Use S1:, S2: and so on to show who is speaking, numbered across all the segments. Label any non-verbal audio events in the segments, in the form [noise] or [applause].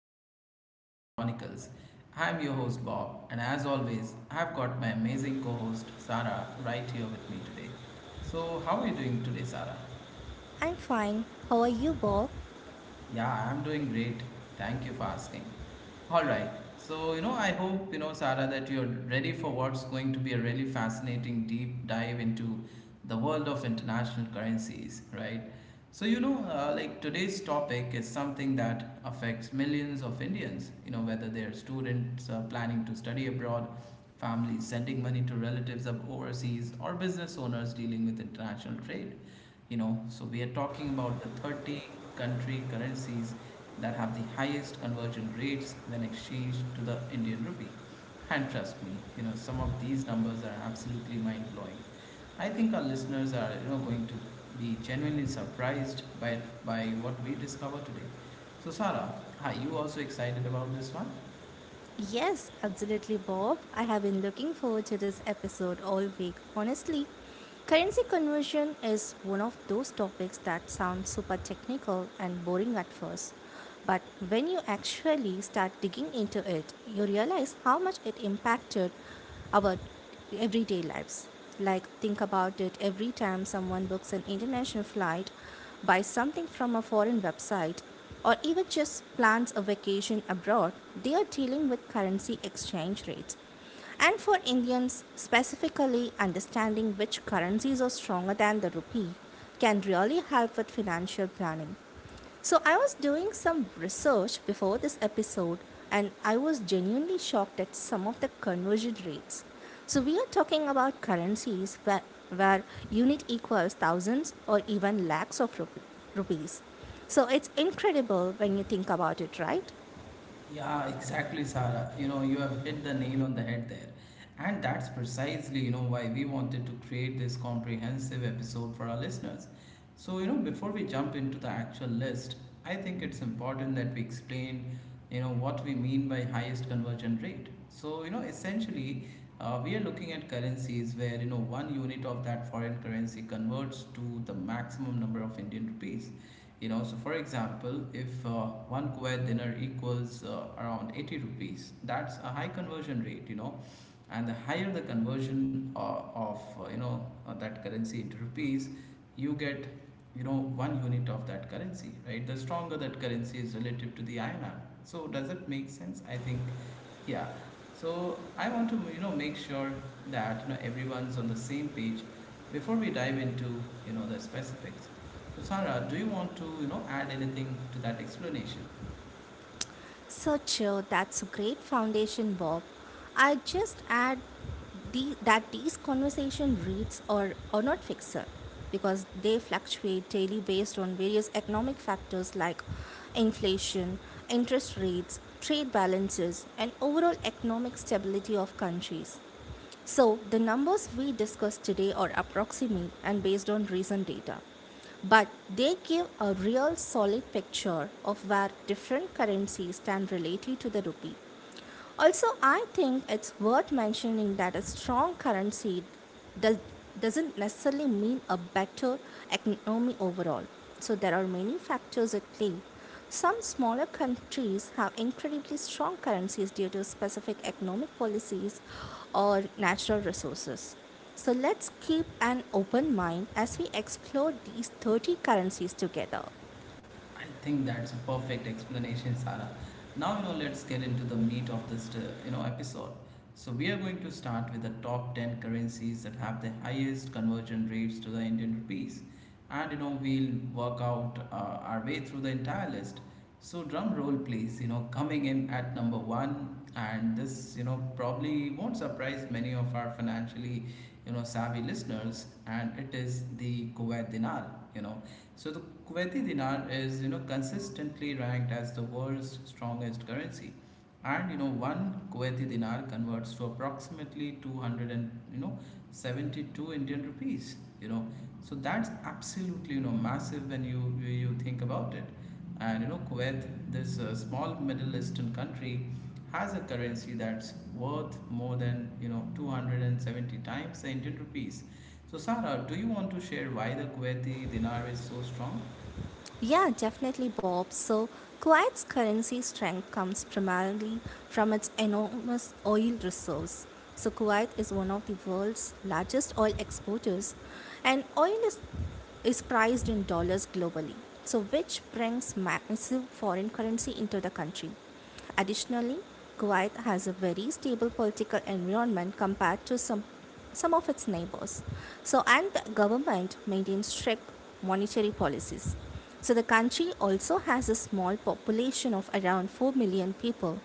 S1: episode of Currency Chronicles. I'm your host Bob, and as always, I've got my amazing co host Sarah right here with me today. So, how are you doing today, Sarah?
S2: I'm fine. How are you, Bob?
S1: Yeah, I'm doing great. Thank you for asking. All right. So, I hope, Sarah, that you're ready for what's going to be a really fascinating deep dive into the world of international currencies, right? So, today's topic is something that affects millions of Indians, whether they're students planning to study abroad, families sending money to relatives of overseas, or business owners dealing with international trade. So we are talking about the 30 country currencies that have the highest conversion rates when exchanged to the Indian rupee. And trust me, some of these numbers are absolutely mind blowing. I think our listeners are going to be genuinely surprised by by what we discover today. So Sarah, are you also excited about this one?
S2: Yes, absolutely, Bob. I have been looking forward to this episode all week, honestly. Currency conversion is one of those topics that sound super technical and boring at first. But when you actually start digging into it, you realize how much it impacted our everyday lives. Like, think about it every time someone books an international flight, buys something from a foreign website, or even just plans a vacation abroad, they are dealing with currency exchange rates. And for Indians, specifically understanding which currencies are stronger than the rupee can really help with financial planning. So, I was doing some research before this episode and I was genuinely shocked at some of the conversion rates. So, we are talking about currencies where unit equals thousands or even lakhs of rupees. So, it's incredible when you think about it, right?
S1: Yeah, exactly, Sarah. You have hit the nail on the head there. And that's precisely, why we wanted to create this comprehensive episode for our listeners. So, before we jump into the actual list, I think it's important that we explain, what we mean by highest conversion rate. So, essentially, we are looking at currencies where, one unit of that foreign currency converts to the maximum number of Indian rupees. So for example, if one Kuwait dinar equals around 80 rupees, that's a high conversion rate. And the higher the conversion of that currency into rupees you get you know one unit of that currency, right, the stronger that currency is relative to the INR. So does it make sense? I think yeah. So I want to make sure that everyone's on the same page before we dive into the specifics. So Sara, do you want to add anything to that explanation?
S2: So true. That's a great foundation, Bob. I just add that these conversation rates are not fixed because they fluctuate daily based on various economic factors like inflation, interest rates, trade balances, and overall economic stability of countries. So, the numbers we discussed today are approximate and based on recent data, but they give a real solid picture of where different currencies stand relative to the rupee. Also, I think it's worth mentioning that a strong currency does, doesn't necessarily mean a better economy overall. So, there are many factors at play. Some smaller countries have incredibly strong currencies due to specific economic policies or natural resources. So let's keep an open mind as we explore these 30 currencies together.
S1: I think that's a perfect explanation, Sarah. Now, let's get into the meat of this, episode. So we are going to start with the top 10 currencies that have the highest conversion rates to the Indian rupees. And, we'll work out our way through the entire list. So drum roll, please, coming in at number one. And this, probably won't surprise many of our financially, savvy listeners. And it is the Kuwait dinar. The Kuwaiti dinar is consistently ranked as the world's strongest currency, and one Kuwaiti dinar converts to approximately 200 and 72 Indian rupees. You know, so that's absolutely massive when you think about it. And Kuwait, this small Middle Eastern country, has a currency that's worth more than 270 times the Indian rupees. So, Sarah, do you want to share why the Kuwaiti dinar is so strong?
S2: Yeah, definitely, Bob. So, Kuwait's currency strength comes primarily from its enormous oil reserves. So, Kuwait is one of the world's largest oil exporters, and oil is priced in dollars globally, so which brings massive foreign currency into the country. Additionally, Kuwait has a very stable political environment compared to some of its neighbors. So, and the government maintains strict monetary policies. So, the country also has a small population of around 4 million people,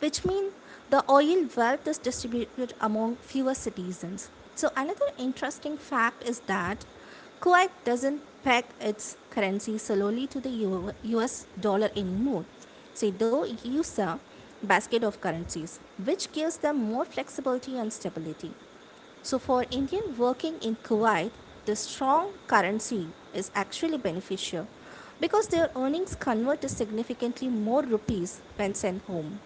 S2: which means the oil wealth is distributed among fewer citizens. So, another interesting fact is that Kuwait doesn't peg its currency solely to the US dollar anymore. So, they use a basket of currencies, which gives them more flexibility and stability. So, for Indian working in Kuwait, the strong currency is actually beneficial because their earnings convert to significantly more rupees when sent home.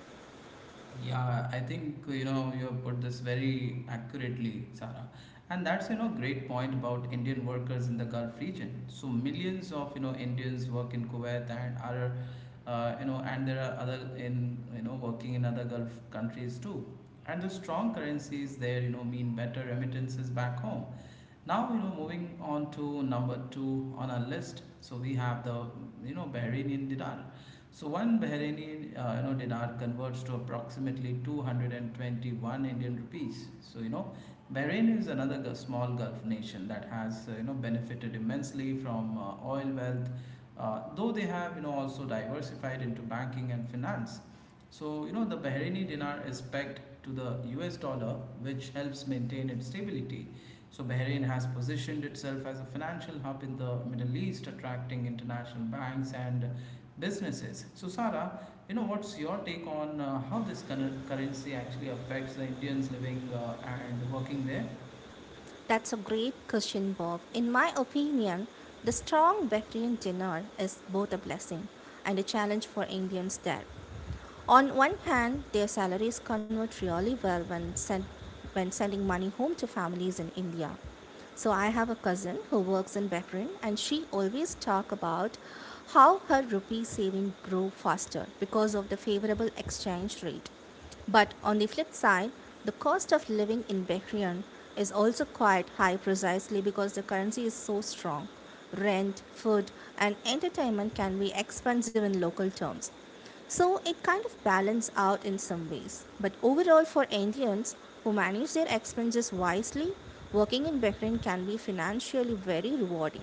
S1: Yeah, I think you have put this very accurately, Sarah. And that's great point about Indian workers in the Gulf region. So millions of Indians work in Kuwait and are you know and there are other in you know working in other Gulf countries too. And the strong currencies there mean better remittances back home. Now moving on to number two on our list. So we have the Bahraini dinar. So one Bahraini dinar converts to approximately 221 Indian rupees. Bahrain is another small Gulf nation that has benefited immensely from oil wealth, though they have also diversified into banking and finance. The Bahraini dinar is pegged to the U.S. dollar, which helps maintain its stability. So, Bahrain has positioned itself as a financial hub in the Middle East, attracting international banks and businesses. So, Sarah, what's your take on how this currency actually affects the Indians living and working there?
S2: That's a great question, Bob. In my opinion, the strong vegetarian dinner is both a blessing and a challenge for Indians there. On one hand, their salaries convert really well when sending money home to families in India. So I have a cousin who works in Bahrain and she always talk about how her rupee saving grew faster because of the favorable exchange rate. But on the flip side, the cost of living in Bahrain is also quite high precisely because the currency is so strong. Rent, food, and entertainment can be expensive in local terms. So it kind of balances out in some ways. But overall, for Indians who manage their expenses wisely, working in Bahrain can be financially very rewarding.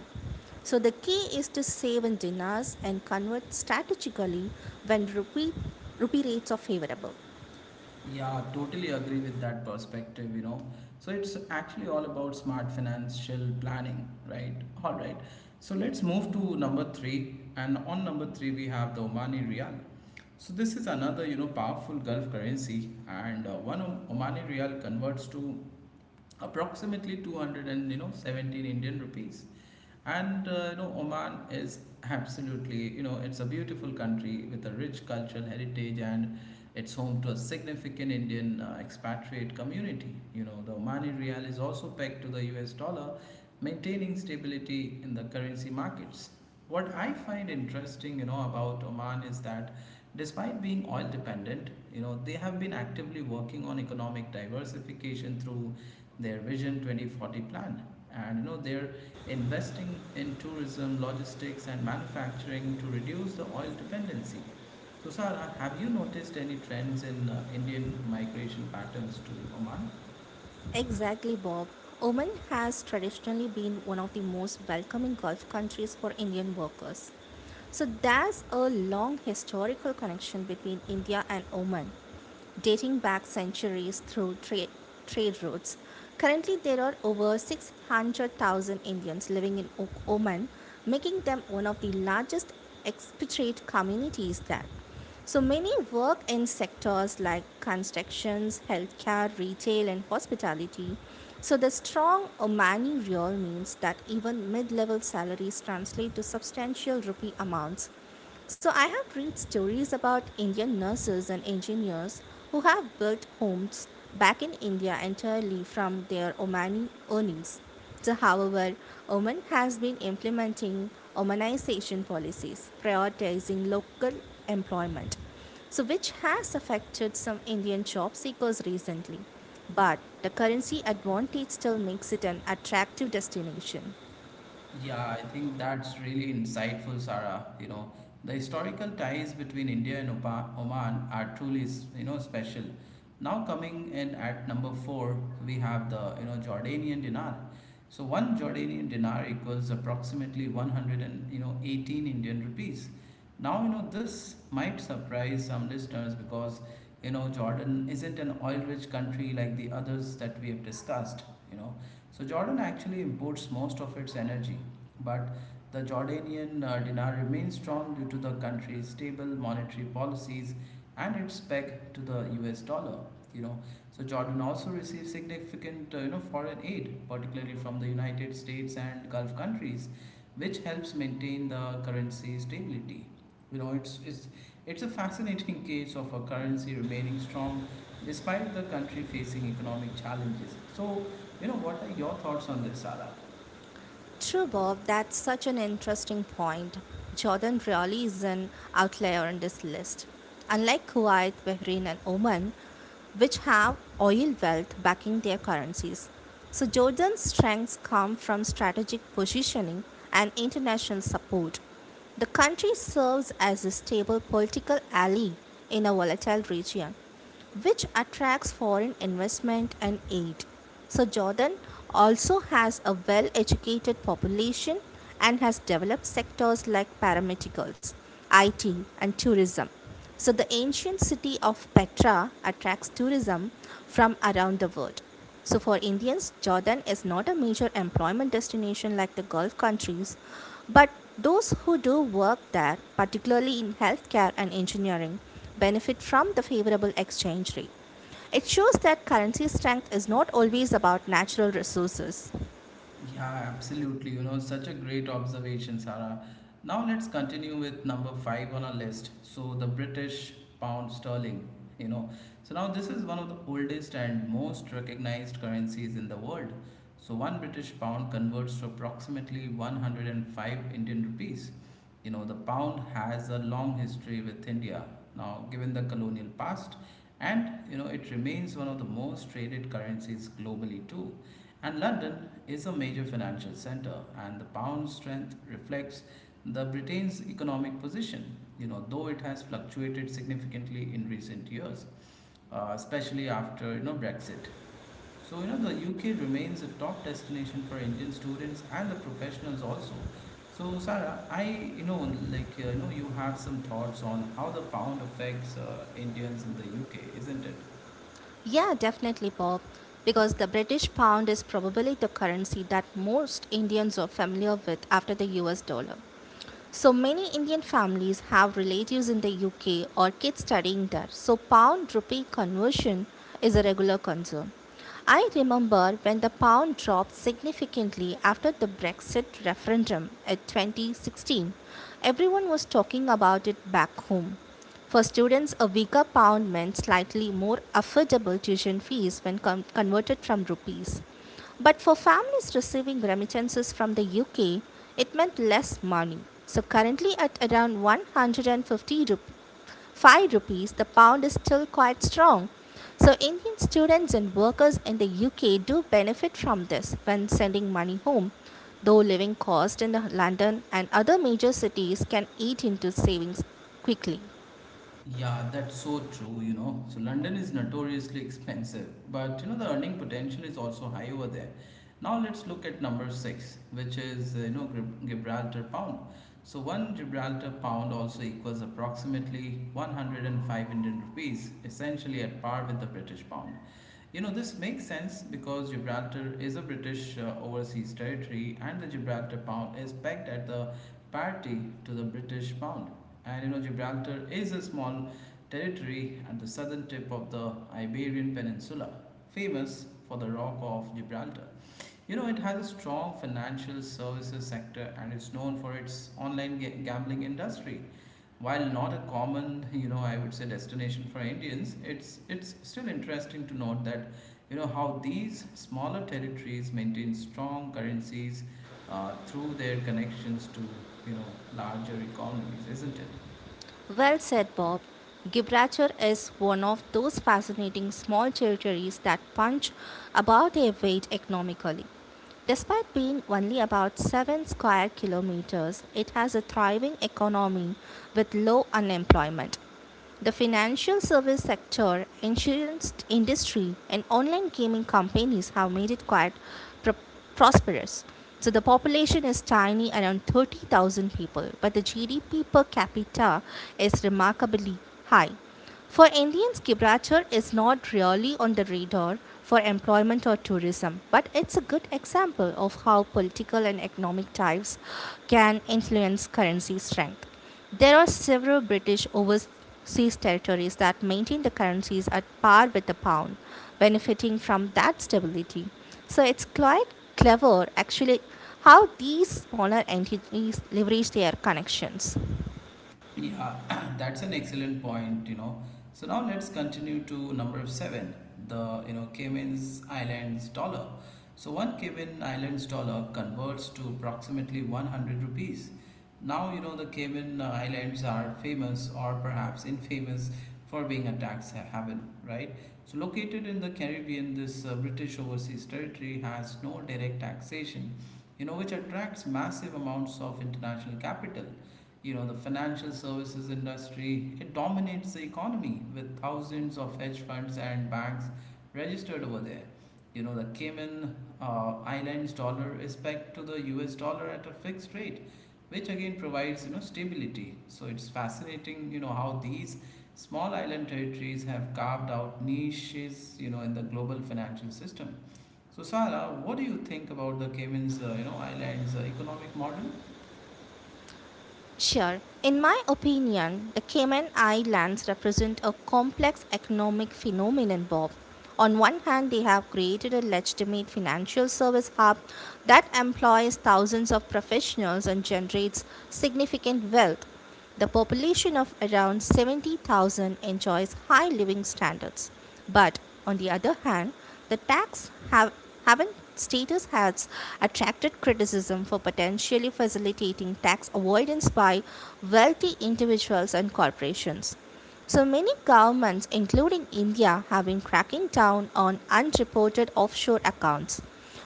S2: So the key is to save in dinars and convert strategically when rupee rates are favorable.
S1: Yeah, totally agree with that perspective, So it's actually all about smart financial planning, right? All right. So let's move to number three. And on number three, we have the Omani Riyal. So this is another, powerful Gulf currency, and one Omani rial converts to approximately 200 and 17 Indian rupees. And Oman is absolutely, it's a beautiful country with a rich cultural heritage and it's home to a significant Indian expatriate community. The Omani rial is also pegged to the US dollar, maintaining stability in the currency markets. What I find interesting, about Oman is that despite being oil dependent, they have been actively working on economic diversification through their Vision 2040 plan. And their investing in tourism, logistics, and manufacturing to reduce the oil dependency. So, Sara, have you noticed any trends in Indian migration patterns to Oman?
S2: Exactly, Bob. Oman has traditionally been one of the most welcoming Gulf countries for Indian workers. So there's a long historical connection between India and Oman, dating back centuries through trade routes. Currently, there are over 600,000 Indians living in Oman, making them one of the largest expatriate communities there. So many work in sectors like constructions, healthcare, retail, and hospitality. So the strong Omani real means that even mid-level salaries translate to substantial rupee amounts. So I have read stories about Indian nurses and engineers who have built homes back in India entirely from their Omani earnings. However, Oman has been implementing Omanization policies, prioritizing local employment, so which has affected some Indian job seekers recently. But the currency advantage still makes it an attractive destination.
S1: Yeah, I think that's really insightful, Sarah. The historical ties between India and Oman are truly, special. Now coming in at number four, we have the Jordanian dinar. So one Jordanian dinar equals approximately 100 and 18 Indian rupees. Now you know This might surprise some listeners because Jordan isn't an oil-rich country like the others that we have discussed. You know, so Jordan actually imports most of its energy, but the Jordanian dinar remains strong due to the country's stable monetary policies and its peg to the US dollar. You know, so Jordan also receives significant foreign aid, particularly from the United States and Gulf countries, which helps maintain the currency stability. You know, it's, it's, it's a fascinating case of a currency remaining strong despite the country facing economic challenges. So, what are your thoughts on this, Sara?
S2: True, Bob, that's such an interesting point. Jordan really is an outlier on this list. Unlike Kuwait, Bahrain, and Oman, which have oil wealth backing their currencies. So, Jordan's strengths come from strategic positioning and international support. The country serves as a stable political ally in a volatile region which attracts foreign investment and aid. So, Jordan also has a well educated population and has developed sectors like paramedicals, IT, and tourism. So, the ancient city of Petra attracts tourism from around the world. So, for Indians, Jordan is not a major employment destination like the Gulf countries, but those who do work there, particularly in healthcare and engineering, benefit from the favorable exchange rate. It shows that currency strength is not always about natural resources.
S1: Yeah, absolutely. Such a great observation, Sarah. Now let's continue with number five on our list. So, the British pound sterling. You know, Now this is one of the oldest and most recognized currencies in the world. So, one British pound converts to approximately 105 Indian rupees. The pound has a long history with India. Now, given the colonial past, and it remains one of the most traded currencies globally, too. And London is a major financial center, and the pound's strength reflects the Britain's economic position. Though it has fluctuated significantly in recent years, especially after Brexit. The UK remains a top destination for Indian students and the professionals also. So Sarah, I you know like you know you have some thoughts on how the pound affects Indians in the UK, isn't it?
S2: Yeah, definitely, Bob, because the British pound is probably the currency that most Indians are familiar with after the US dollar. So many Indian families have relatives in the UK or kids studying there. So pound rupee conversion is a regular concern. I remember when the pound dropped significantly after the Brexit referendum at 2016. Everyone was talking about it back home. For students, a weaker pound meant slightly more affordable tuition fees when converted from rupees. But for families receiving remittances from the UK, it meant less money. So currently at around 5 rupees, the pound is still quite strong. So Indian students and workers in the UK do benefit from this when sending money home, though living costs in London and other major cities can eat into savings quickly.
S1: Yeah, that's so true, So London is notoriously expensive, but the earning potential is also high over there. Now let's look at number 6, which is Gibraltar pound. So one Gibraltar pound also equals approximately 105 Indian rupees, essentially at par with the British pound. This makes sense because Gibraltar is a British overseas territory and the Gibraltar pound is pegged at the parity to the British pound. And Gibraltar is a small territory at the southern tip of the Iberian Peninsula, famous for the Rock of Gibraltar. It has a strong financial services sector and is known for its online gambling industry. While not a common, I would say destination for Indians, it's still interesting to note that, how these smaller territories maintain strong currencies through their connections to, larger economies, isn't it?
S2: Well said, Bob. Gibraltar is one of those fascinating small territories that punch above their weight economically. Despite being only about 7 square kilometers, it has a thriving economy with low unemployment. The financial service sector, insurance industry, and online gaming companies have made it quite pro- prosperous. So the population is tiny, around 30,000 people, but the GDP per capita is remarkably high. For Indians, Gibraltar is not really on the radar for employment or tourism, but it's a good example of how political and economic ties can influence currency strength. There are several British overseas territories that maintain the currencies at par with the pound, benefiting from that stability. So it's quite clever actually how these smaller entities leverage their connections.
S1: Yeah, [clears throat] that's an excellent point, So now let's continue to number seven, the Cayman's Islands dollar. So one Cayman Islands dollar converts to approximately 100 rupees. Now you know the Cayman Islands are famous or perhaps infamous for being a tax haven, right? So located in the Caribbean, this British overseas territory has no direct taxation, which attracts massive amounts of international capital. The financial services industry, it dominates the economy with thousands of hedge funds and banks registered over there. The Cayman Islands dollar is pegged to the US dollar at a fixed rate, which again provides, stability. So it's fascinating how these small island territories have carved out niches, in the global financial system. So Sarah, what do you think about the Cayman's Islands economic model?
S2: Sure. In my opinion, the Cayman Islands represent a complex economic phenomenon, Bob. On one hand, they have created a legitimate financial service hub that employs thousands of professionals and generates significant wealth. The population of around 70,000 enjoys high living standards, but on the other hand, the haven status has attracted criticism for potentially facilitating tax avoidance by wealthy individuals and corporations. So many governments, including India, have been cracking down on unreported offshore accounts.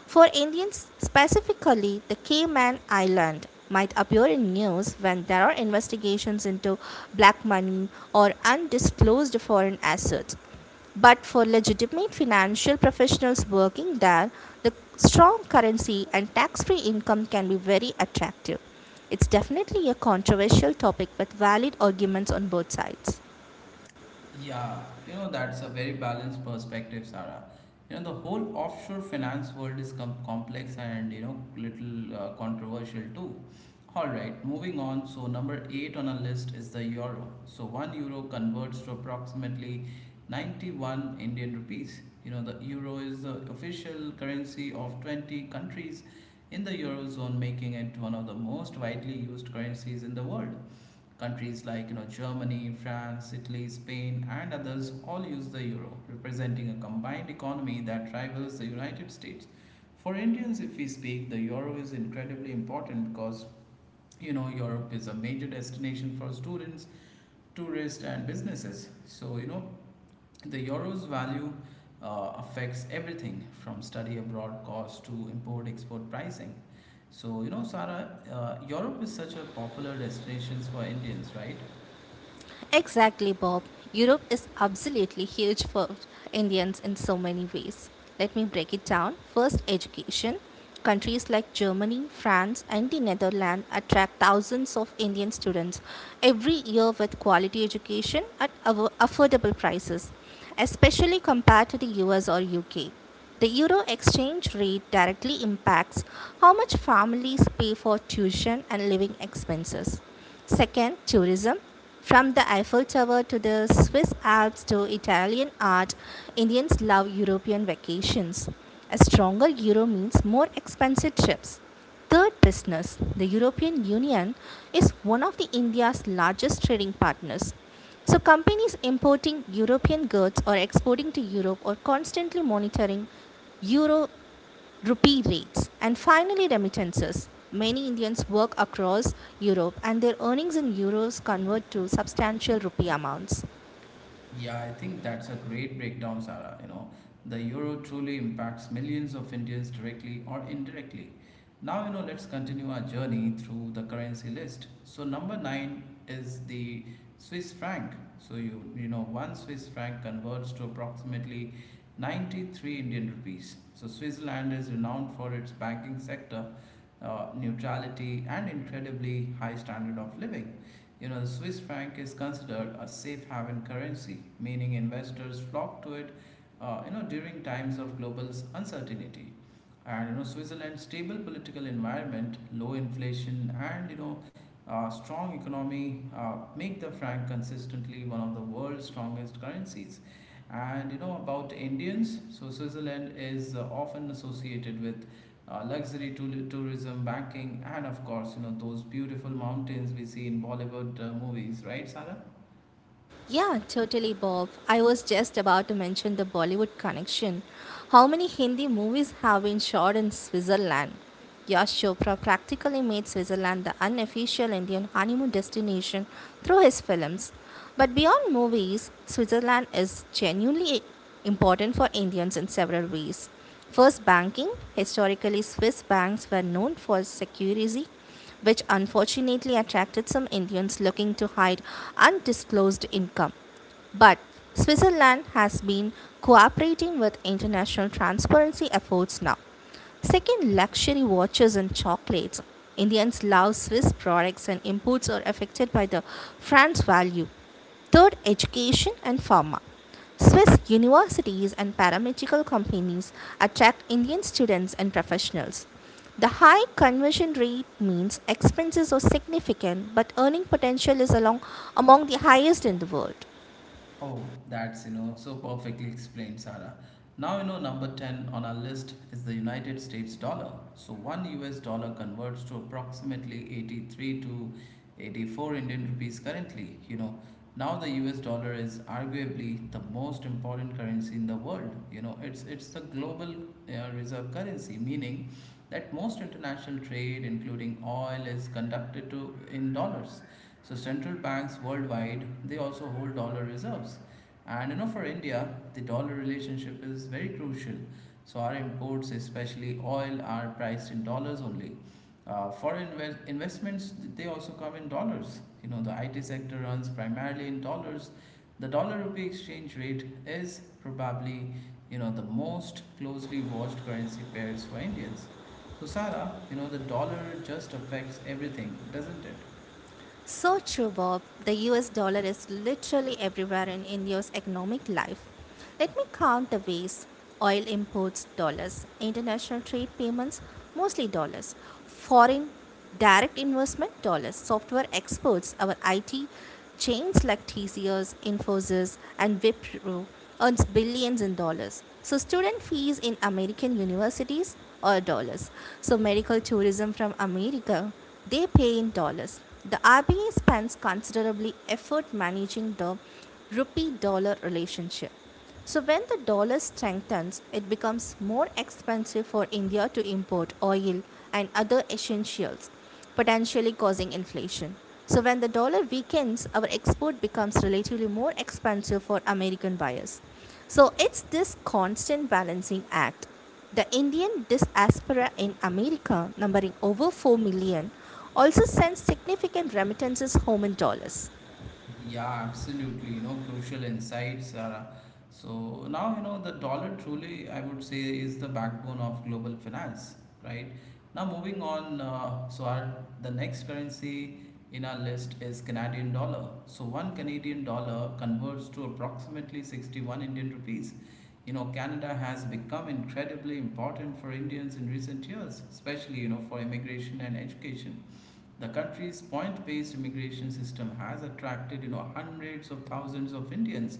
S2: For Indians specifically, the Cayman Island might appear in news when there are investigations into black money or undisclosed foreign assets. But for legitimate financial professionals working there, the strong currency and tax free income can be very attractive. It's definitely a controversial topic with valid arguments on both sides.
S1: Yeah, that's a very balanced perspective, Sarah. The whole offshore finance world is complex and, little controversial too. All right, moving on. So, number eight on our list is the euro. So, 1 euro converts to approximately 91 Indian rupees. The euro is the official currency of 20 countries in the eurozone, making it one of the most widely used currencies in the world. Countries like Germany, France, Italy, Spain, and others all use the euro, representing a combined economy that rivals the United States. For Indians, if we speak, the euro is incredibly important because Europe is a major destination for students, tourists, and businesses. So the euro's value affects everything from study abroad costs to import export pricing. So Sarah, Europe is such a popular destination for Indians, right?
S2: Exactly, Bob. Europe is absolutely huge for Indians in so many ways. Let me break it down. First, education. Countries like Germany, France, and the Netherlands attract thousands of Indian students every year with quality education at affordable prices, especially compared to the US or UK. The euro exchange rate directly impacts how much families pay for tuition and living expenses. Second, tourism. From the Eiffel Tower to the Swiss Alps to Italian art, Indians love European vacations. A stronger euro means more expensive trips. Third, business. The European Union is one of the India's largest trading partners. So companies importing European goods or exporting to Europe are constantly monitoring euro rupee rates. And finally, remittances. Many Indians work across Europe and their earnings in euros convert to substantial rupee amounts.
S1: Yeah, I think that's a great breakdown, Sarah. The euro truly impacts millions of Indians directly or indirectly. Now, let's continue our journey through the currency list. So, number nine is the Swiss franc. So, one Swiss franc converts to approximately 93 Indian rupees. So, Switzerland is renowned for its banking sector, neutrality, and incredibly high standard of living. The Swiss franc is considered a safe haven currency, meaning investors flock to it, during times of global uncertainty. And Switzerland's stable political environment, low inflation, and strong economy make the franc consistently one of the world's strongest currencies. And about Indians, so Switzerland is often associated with luxury tourism, banking, and of course, those beautiful mountains we see in Bollywood movies, right, Sara?
S2: Yeah, totally, Bob. I was just about to mention the Bollywood connection. How many Hindi movies have been shot in Switzerland? Yash Chopra practically made Switzerland the unofficial Indian honeymoon destination through his films. But beyond movies, Switzerland is genuinely important for Indians in several ways. First, banking. Historically, Swiss banks were known for security which unfortunately attracted some Indians looking to hide undisclosed income. But Switzerland has been cooperating with international transparency efforts now. Second, luxury watches and chocolates. Indians love Swiss products and imports are affected by the franc value. Third, education and pharma. Swiss universities and paramedical companies attract Indian students and professionals. The high conversion rate means expenses are significant, but earning potential is among the highest in the world.
S1: Oh, that's so perfectly explained, Sarah. Now number 10 on our list is the United States dollar. So 1 US dollar converts to approximately 83 to 84 Indian rupees currently, Now the US dollar is arguably the most important currency in the world. It's the global reserve currency, meaning that most international trade including oil is conducted to in dollars. So central banks worldwide, they also hold dollar reserves, and for India the dollar relationship is very crucial. So our imports, especially oil, are priced in dollars only. Foreign investments, they also come in dollars. The IT sector runs primarily in dollars. The dollar rupee exchange rate is probably the most closely watched currency pairs for Indians. So Sara, the dollar just affects everything, doesn't it?
S2: So true, Bob. The US dollar is literally everywhere in India's economic life. Let me count the ways oil imports dollars, international trade payments mostly dollars, foreign direct investment dollars, software exports, our IT chains like TCS, Infosys, and Wipro earns billions in dollars. So student fees in American universities are dollars. So medical tourism from America they pay in dollars. The RBI spends considerably effort managing the rupee dollar relationship. So when the dollar strengthens, it becomes more expensive for India to import oil and other essentials, potentially causing inflation. So when the dollar weakens, our export becomes relatively more expensive for American buyers. So it's this constant balancing act. The Indian diaspora in America, numbering over 4 million, also sends significant remittances home in dollars.
S1: Yeah, absolutely. Crucial insights, Zara. So now, the dollar truly, I would say, is the backbone of global finance, right? Now, moving on, the next currency in our list is Canadian dollar. So one Canadian dollar converts to approximately 61 Indian rupees. Canada has become incredibly important for Indians in recent years, especially, for immigration and education. The country's point-based immigration system has attracted, hundreds of thousands of Indians,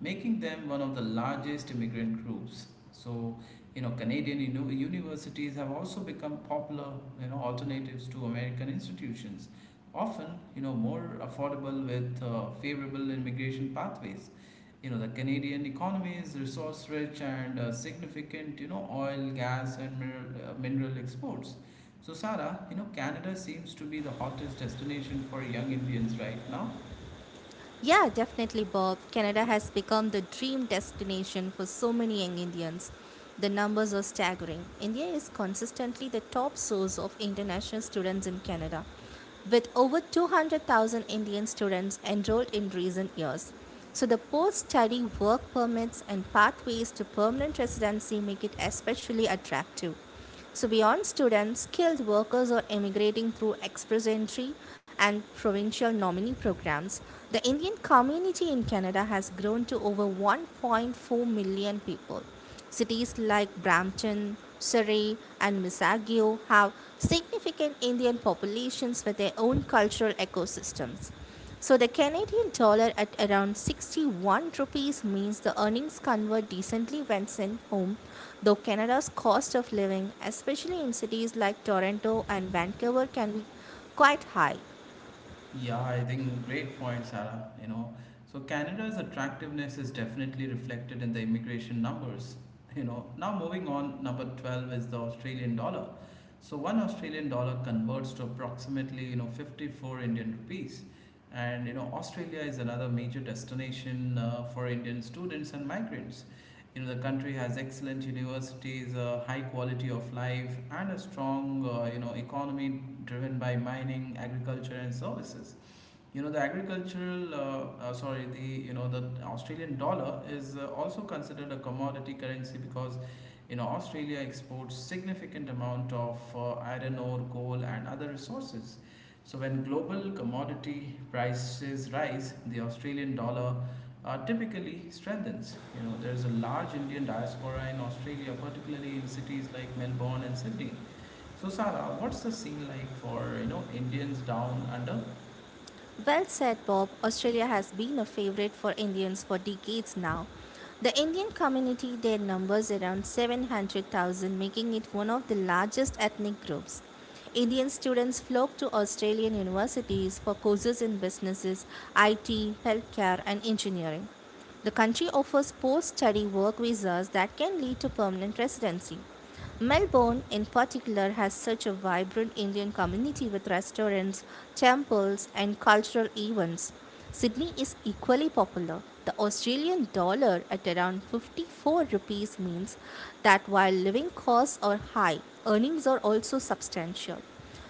S1: making them one of the largest immigrant groups. So, Canadian universities have also become popular, alternatives to American institutions, often, more affordable with favorable immigration pathways. The Canadian economy is resource-rich and significant, oil, gas, and mineral exports. So, Sara, Canada seems to be the hottest destination for young Indians right now.
S2: Yeah, definitely, Bob. Canada has become the dream destination for so many young Indians. The numbers are staggering. India is consistently the top source of international students in Canada, with over 200,000 Indian students enrolled in recent years. So, the post study work permits and pathways to permanent residency make it especially attractive. So, beyond students, skilled workers are emigrating through express entry and provincial nominee programs. The Indian community in Canada has grown to over 1.4 million people. Cities like Brampton, Surrey, and Mississauga have significant Indian populations with their own cultural ecosystems. So the Canadian dollar at around 61 rupees means the earnings convert decently when sent home, though Canada's cost of living, especially in cities like Toronto and Vancouver, can be quite high.
S1: Yeah, I think great point, Sarah. So Canada's attractiveness is definitely reflected in the immigration numbers. Now moving on, number 12 is the Australian dollar. So, one Australian dollar converts to approximately, 54 Indian rupees. And, Australia is another major destination for Indian students and migrants. The country has excellent universities, a high quality of life, and a strong, economy driven by mining, agriculture, and services. The agricultural sorry the you know the australian dollar is also considered a commodity currency because Australia exports significant amount of iron ore, coal, and other resources. So when global commodity prices rise, the Australian dollar typically strengthens. There's a large Indian diaspora in Australia, particularly in cities like Melbourne and Sydney. So Sarah, what's the scene like for Indians down under?
S2: Well said, Bob. Australia has been a favorite for Indians for decades now. The Indian community there numbers around 700,000, making it one of the largest ethnic groups. Indian students flock to Australian universities for courses in businesses, IT, healthcare, and engineering. The country offers post study work visas that can lead to permanent residency. Melbourne, in particular, has such a vibrant Indian community with restaurants, temples, and cultural events. Sydney is equally popular. The Australian dollar at around 54 rupees means that while living costs are high, earnings are also substantial.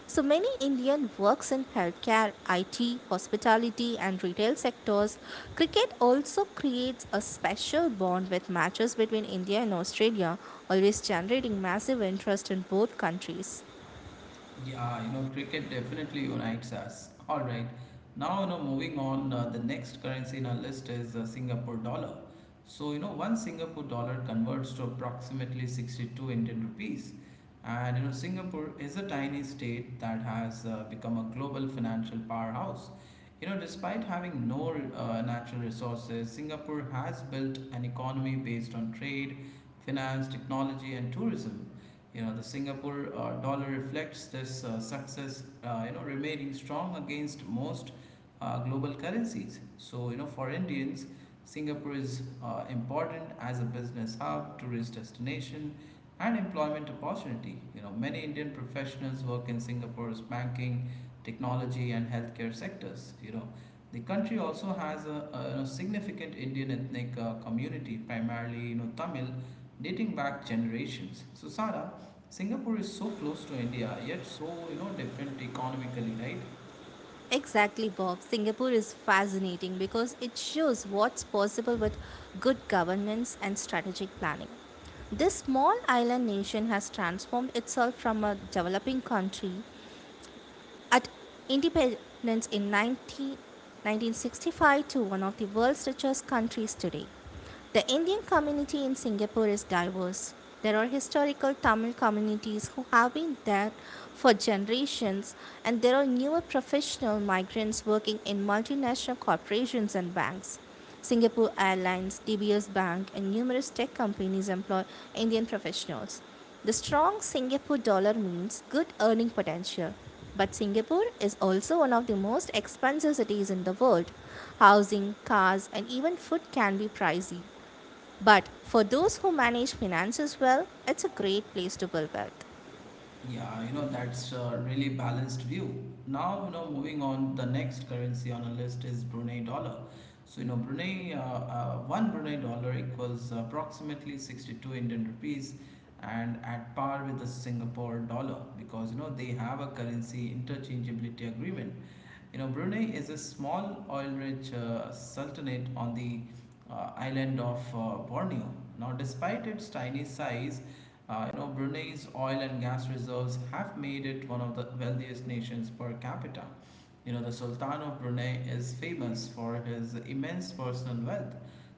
S2: So many Indian works in healthcare, IT, hospitality and retail sectors. Cricket also creates a special bond with matches between India and Australia, always generating massive interest in both countries.
S1: Yeah, cricket definitely unites us. All right. Now, moving on, the next currency in our list is Singapore dollar. So, one Singapore dollar converts to approximately 62 Indian rupees. And, Singapore is a tiny state that has become a global financial powerhouse. Despite having no natural resources, Singapore has built an economy based on trade, finance, technology, and tourism. The Singapore dollar reflects this success, remaining strong against most global currencies. So, for Indians, Singapore is important as a business hub, tourist destination, and employment opportunity. Many Indian professionals work in Singapore's banking, technology, and healthcare sectors. The country also has a significant Indian ethnic community, primarily Tamil, dating back generations. So, Sara, Singapore is so close to India, yet so different economically, right?
S2: Exactly, Bob. Singapore is fascinating because it shows what's possible with good governance and strategic planning. This small island nation has transformed itself from a developing country at independence in 1965 to one of the world's richest countries today. The Indian community in Singapore is diverse. There are historical Tamil communities who have been there for generations, and there are newer professional migrants working in multinational corporations and banks. Singapore Airlines, DBS Bank, and numerous tech companies employ Indian professionals. The strong Singapore dollar means good earning potential. But Singapore is also one of the most expensive cities in the world. Housing, cars, and even food can be pricey. But for those who manage finances well, it's a great place to build wealth.
S1: Yeah, that's a really balanced view. Now moving on, the next currency on our list is Brunei dollar. So one Brunei dollar equals approximately 62 Indian rupees, and at par with the Singapore dollar because they have a currency interchangeability agreement. Brunei is a small oil-rich sultanate on the island of Borneo. Now, despite its tiny size, Brunei's oil and gas reserves have made it one of the wealthiest nations per capita. The Sultan of Brunei is famous for his immense personal wealth.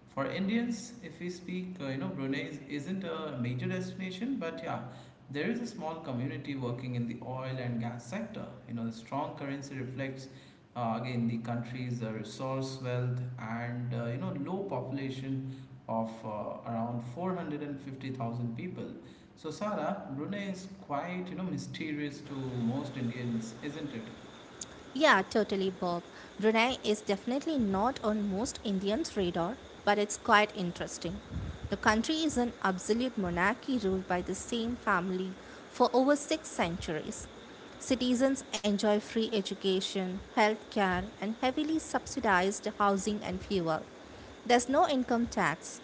S1: For Indians, if we speak, Brunei isn't a major destination, but yeah, there is a small community working in the oil and gas sector. The strong currency reflects again the country's resource wealth and low population of around 450,000 people. So Sarah, Brunei is quite mysterious to most Indians, isn't it?
S2: Yeah, totally, Bob. Brunei is definitely not on most Indians' radar, but it's quite interesting. The country is an absolute monarchy ruled by the same family for over six centuries. Citizens enjoy free education, healthcare, and heavily subsidized housing and fuel. There's no income tax.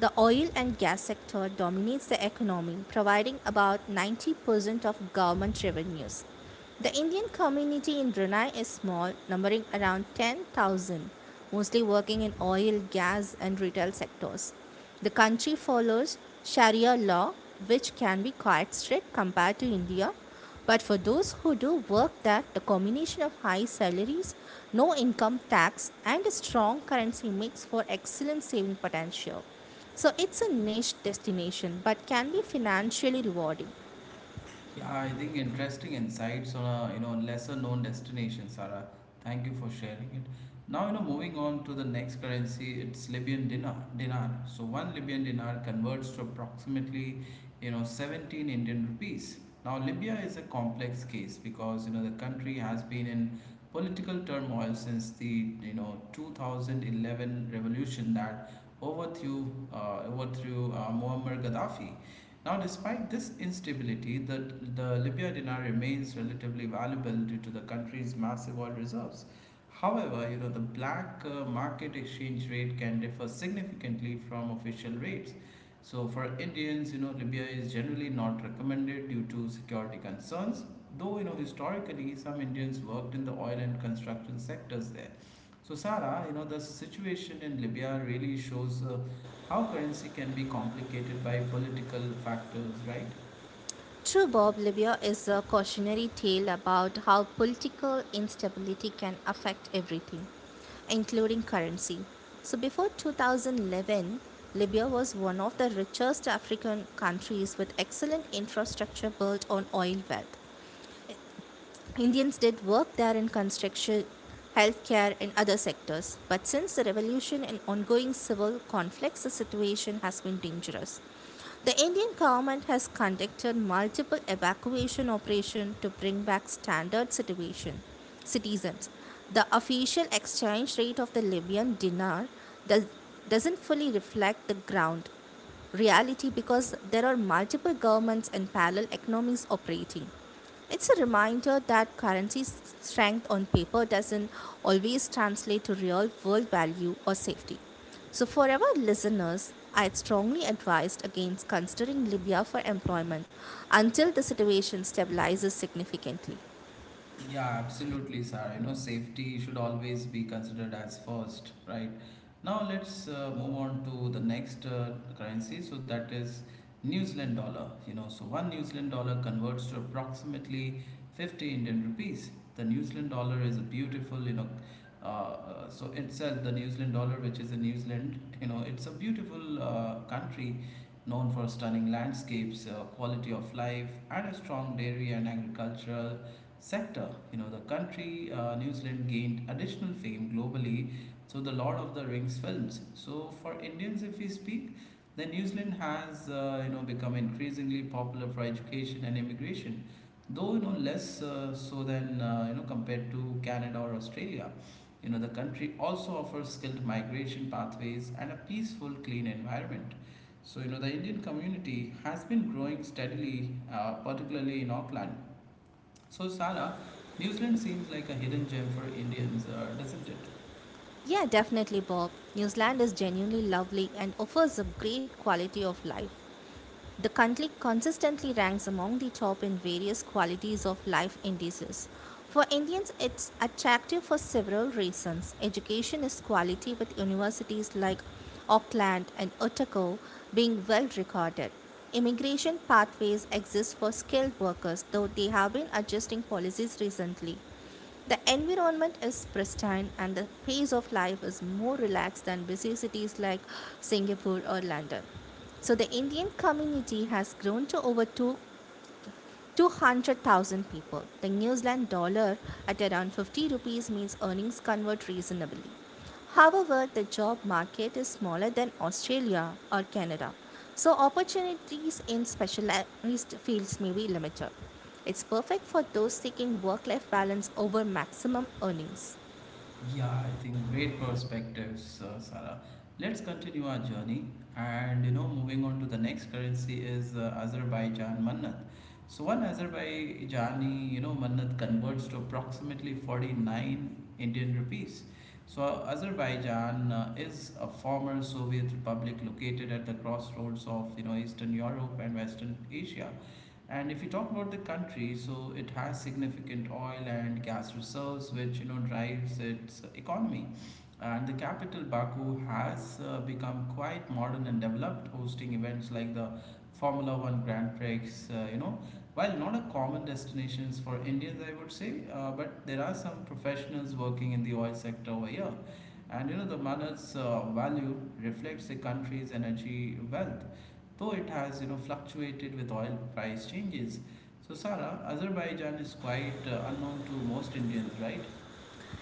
S2: The oil and gas sector dominates the economy, providing about 90% of government revenues. The Indian community in Brunei is small, numbering around 10,000, mostly working in oil, gas, and retail sectors. The country follows Sharia law, which can be quite strict compared to India, but for those who do work that, the combination of high salaries, no income tax, and a strong currency makes for excellent saving potential. So it's a niche destination but can be financially rewarding.
S1: Yeah, I think interesting insights on a lesser known destination, Sarah. Thank you for sharing it. Now moving on to the next currency, it's Libyan dinar. Dinar. So one Libyan dinar converts to approximately 17 Indian rupees. Now Libya is a complex case because the country has been in political turmoil since the 2011 revolution that overthrew Muammar Gaddafi. Now, despite this instability, the Libya dinar remains relatively valuable due to the country's massive oil reserves. However, the black market exchange rate can differ significantly from official rates. So, for Indians, Libya is generally not recommended due to security concerns. Though historically, some Indians worked in the oil and construction sectors there. So, Sarah, the situation in Libya really shows how currency can be complicated by political factors, right?
S2: True, Bob, Libya is a cautionary tale about how political instability can affect everything, including currency. So, before 2011, Libya was one of the richest African countries with excellent infrastructure built on oil wealth. Indians did work there in construction, healthcare, and other sectors, but since the revolution and ongoing civil conflicts, the situation has been dangerous. The Indian government has conducted multiple evacuation operations to bring back standard situation citizens. The official exchange rate of the Libyan dinar does, doesn't fully reflect the ground reality because there are multiple governments and parallel economies operating. It's a reminder that strength on paper doesn't always translate to real world value or safety. So, for our listeners, I'd strongly advised against considering Libya for employment until the situation stabilizes significantly.
S1: Yeah, absolutely, sir. Safety should always be considered as first, right? Now let's move on to the next currency. So that is New Zealand dollar. So one New Zealand dollar converts to approximately 50 Indian rupees. The New Zealand dollar is a beautiful, you know, so itself the New Zealand dollar, which is in New Zealand, it's a beautiful country known for stunning landscapes, quality of life, and a strong dairy and agricultural sector. New Zealand gained additional fame globally through the Lord of the Rings films. So, for Indians, if we speak, then New Zealand has become increasingly popular for education and immigration, though less so than compared to Canada or Australia. The country also offers skilled migration pathways and a peaceful, clean environment. So, the Indian community has been growing steadily, particularly in Auckland. So, Sara, New Zealand seems like a hidden gem for Indians, doesn't it?
S2: Yeah, definitely, Bob. New Zealand is genuinely lovely and offers a great quality of life. The country consistently ranks among the top in various qualities of life indices. For Indians, it's attractive for several reasons. Education is quality, with universities like Auckland and Otago being well recorded. Immigration pathways exist for skilled workers, though they have been adjusting policies recently. The environment is pristine and the pace of life is more relaxed than busy cities like Singapore or London. So the Indian community has grown to over 2 200,000 people. The New Zealand dollar at around 50 rupees means earnings convert reasonably. However, the job market is smaller than Australia or Canada, so opportunities in specialized fields may be limited. It's perfect for those seeking work life balance over maximum earnings.
S1: Yeah, I think great perspectives, Sara. Let's continue our journey. And moving on to the next currency is Azerbaijan mannat. So, one Azerbaijani, mannat converts to approximately 49 Indian rupees. So, Azerbaijan is a former Soviet republic located at the crossroads of Eastern Europe and Western Asia. And if you talk about the country, so it has significant oil and gas reserves, which you know drives its economy. And the capital Baku has become quite modern and developed, hosting events like the Formula One Grand Prix. Uh, you know, while not a common destinations for Indians, I would say, but there are some professionals working in the oil sector over here. And you know, the Manat's value reflects the country's energy wealth though it has you know fluctuated with oil price changes. So Sara, Azerbaijan is quite unknown to most Indians, right?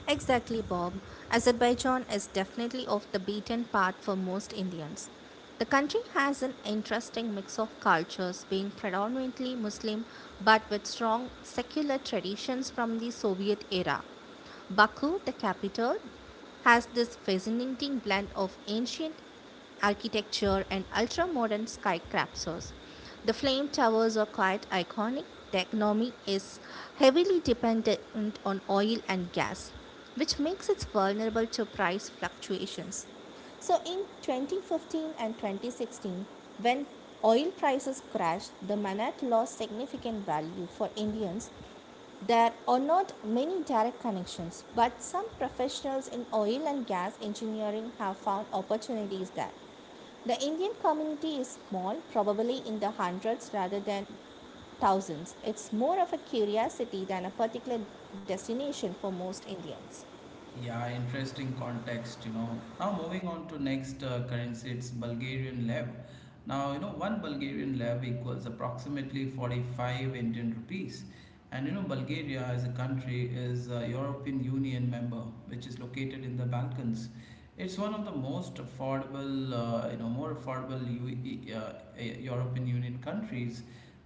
S2: Exactly, Bob. Azerbaijan is definitely off the beaten path for most Indians. The country has an interesting mix of cultures, being predominantly Muslim but with strong secular traditions from the Soviet era. Baku, the capital, has this fascinating blend of ancient architecture and ultra modern skyscrapers. The flame towers are quite iconic. The economy is heavily dependent on oil and gas, which makes it vulnerable to price fluctuations. So in 2015 and 2016, when oil prices crashed, the manat lost significant value for Indians there are not many direct connections, but some professionals in oil and gas engineering have found opportunities there. The Indian community is small, probably in the hundreds rather than thousands. It's more of a curiosity than a particular destination for most Indians.
S1: Yeah, interesting context, you know. Now moving on to next currency, it's Bulgarian lev. Now, you know, one Bulgarian lev equals approximately 45 Indian rupees. And you know, Bulgaria as a country is a European Union member, which is located in the Balkans. It's one of the most affordable, more affordable European Union countries,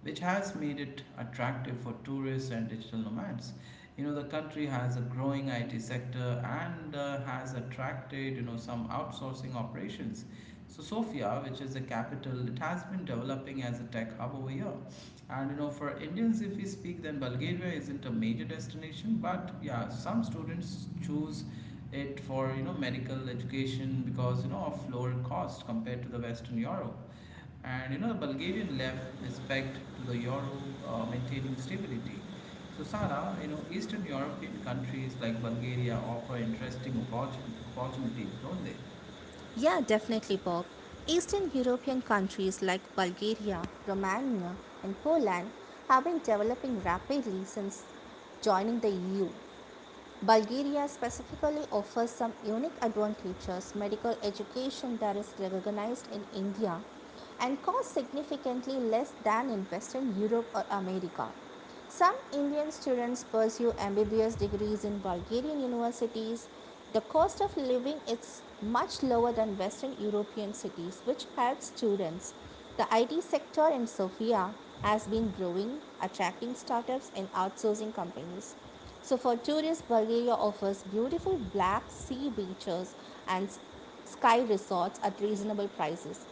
S1: which has made it attractive for tourists and digital nomads. You know, the country has a growing IT sector and has attracted you know some outsourcing operations. So Sofia, which is the capital, it has been developing as a tech hub over here. And you know, for Indians, if we speak, then Bulgaria isn't a major destination, but yeah, some students choose it for you know medical education because you know of lower cost compared to the Western Europe. And you know, the Bulgarian left is pegged to the euro, maintaining stability. So, Sara, you know, Eastern European countries like Bulgaria offer interesting opportunities, don't they?
S2: Yeah, definitely, Bob. Eastern European countries like Bulgaria, Romania, and Poland have been developing rapidly since joining the EU. Bulgaria specifically offers some unique advantages. Medical education there is recognized in India and costs significantly less than in Western Europe or America. Some Indian students pursue MBBS degrees in Bulgarian universities. The cost of living is much lower than Western European cities, which helps students. The IT sector in Sofia has been growing, attracting startups and outsourcing companies. So, for tourists, Bulgaria offers beautiful black sea beaches and sky resorts at reasonable prices.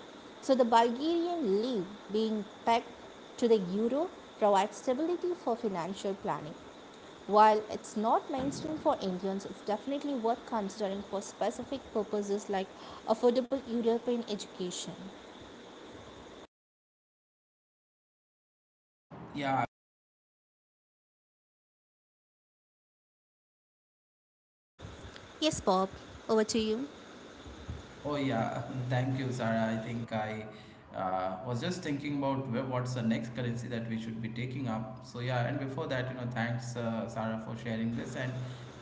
S2: So, the Bulgarian lira being pegged to the euro provides stability for financial planning. While it's not mainstream for Indians, it's definitely worth considering for specific purposes like affordable European education.
S1: Yeah.
S2: Yes, Bob, over to you.
S1: Oh yeah, [laughs] thank you, Sarah. I think I was just thinking about what's the next currency that we should be taking up. So yeah, and before that, you know, thanks, Sarah, for sharing this, and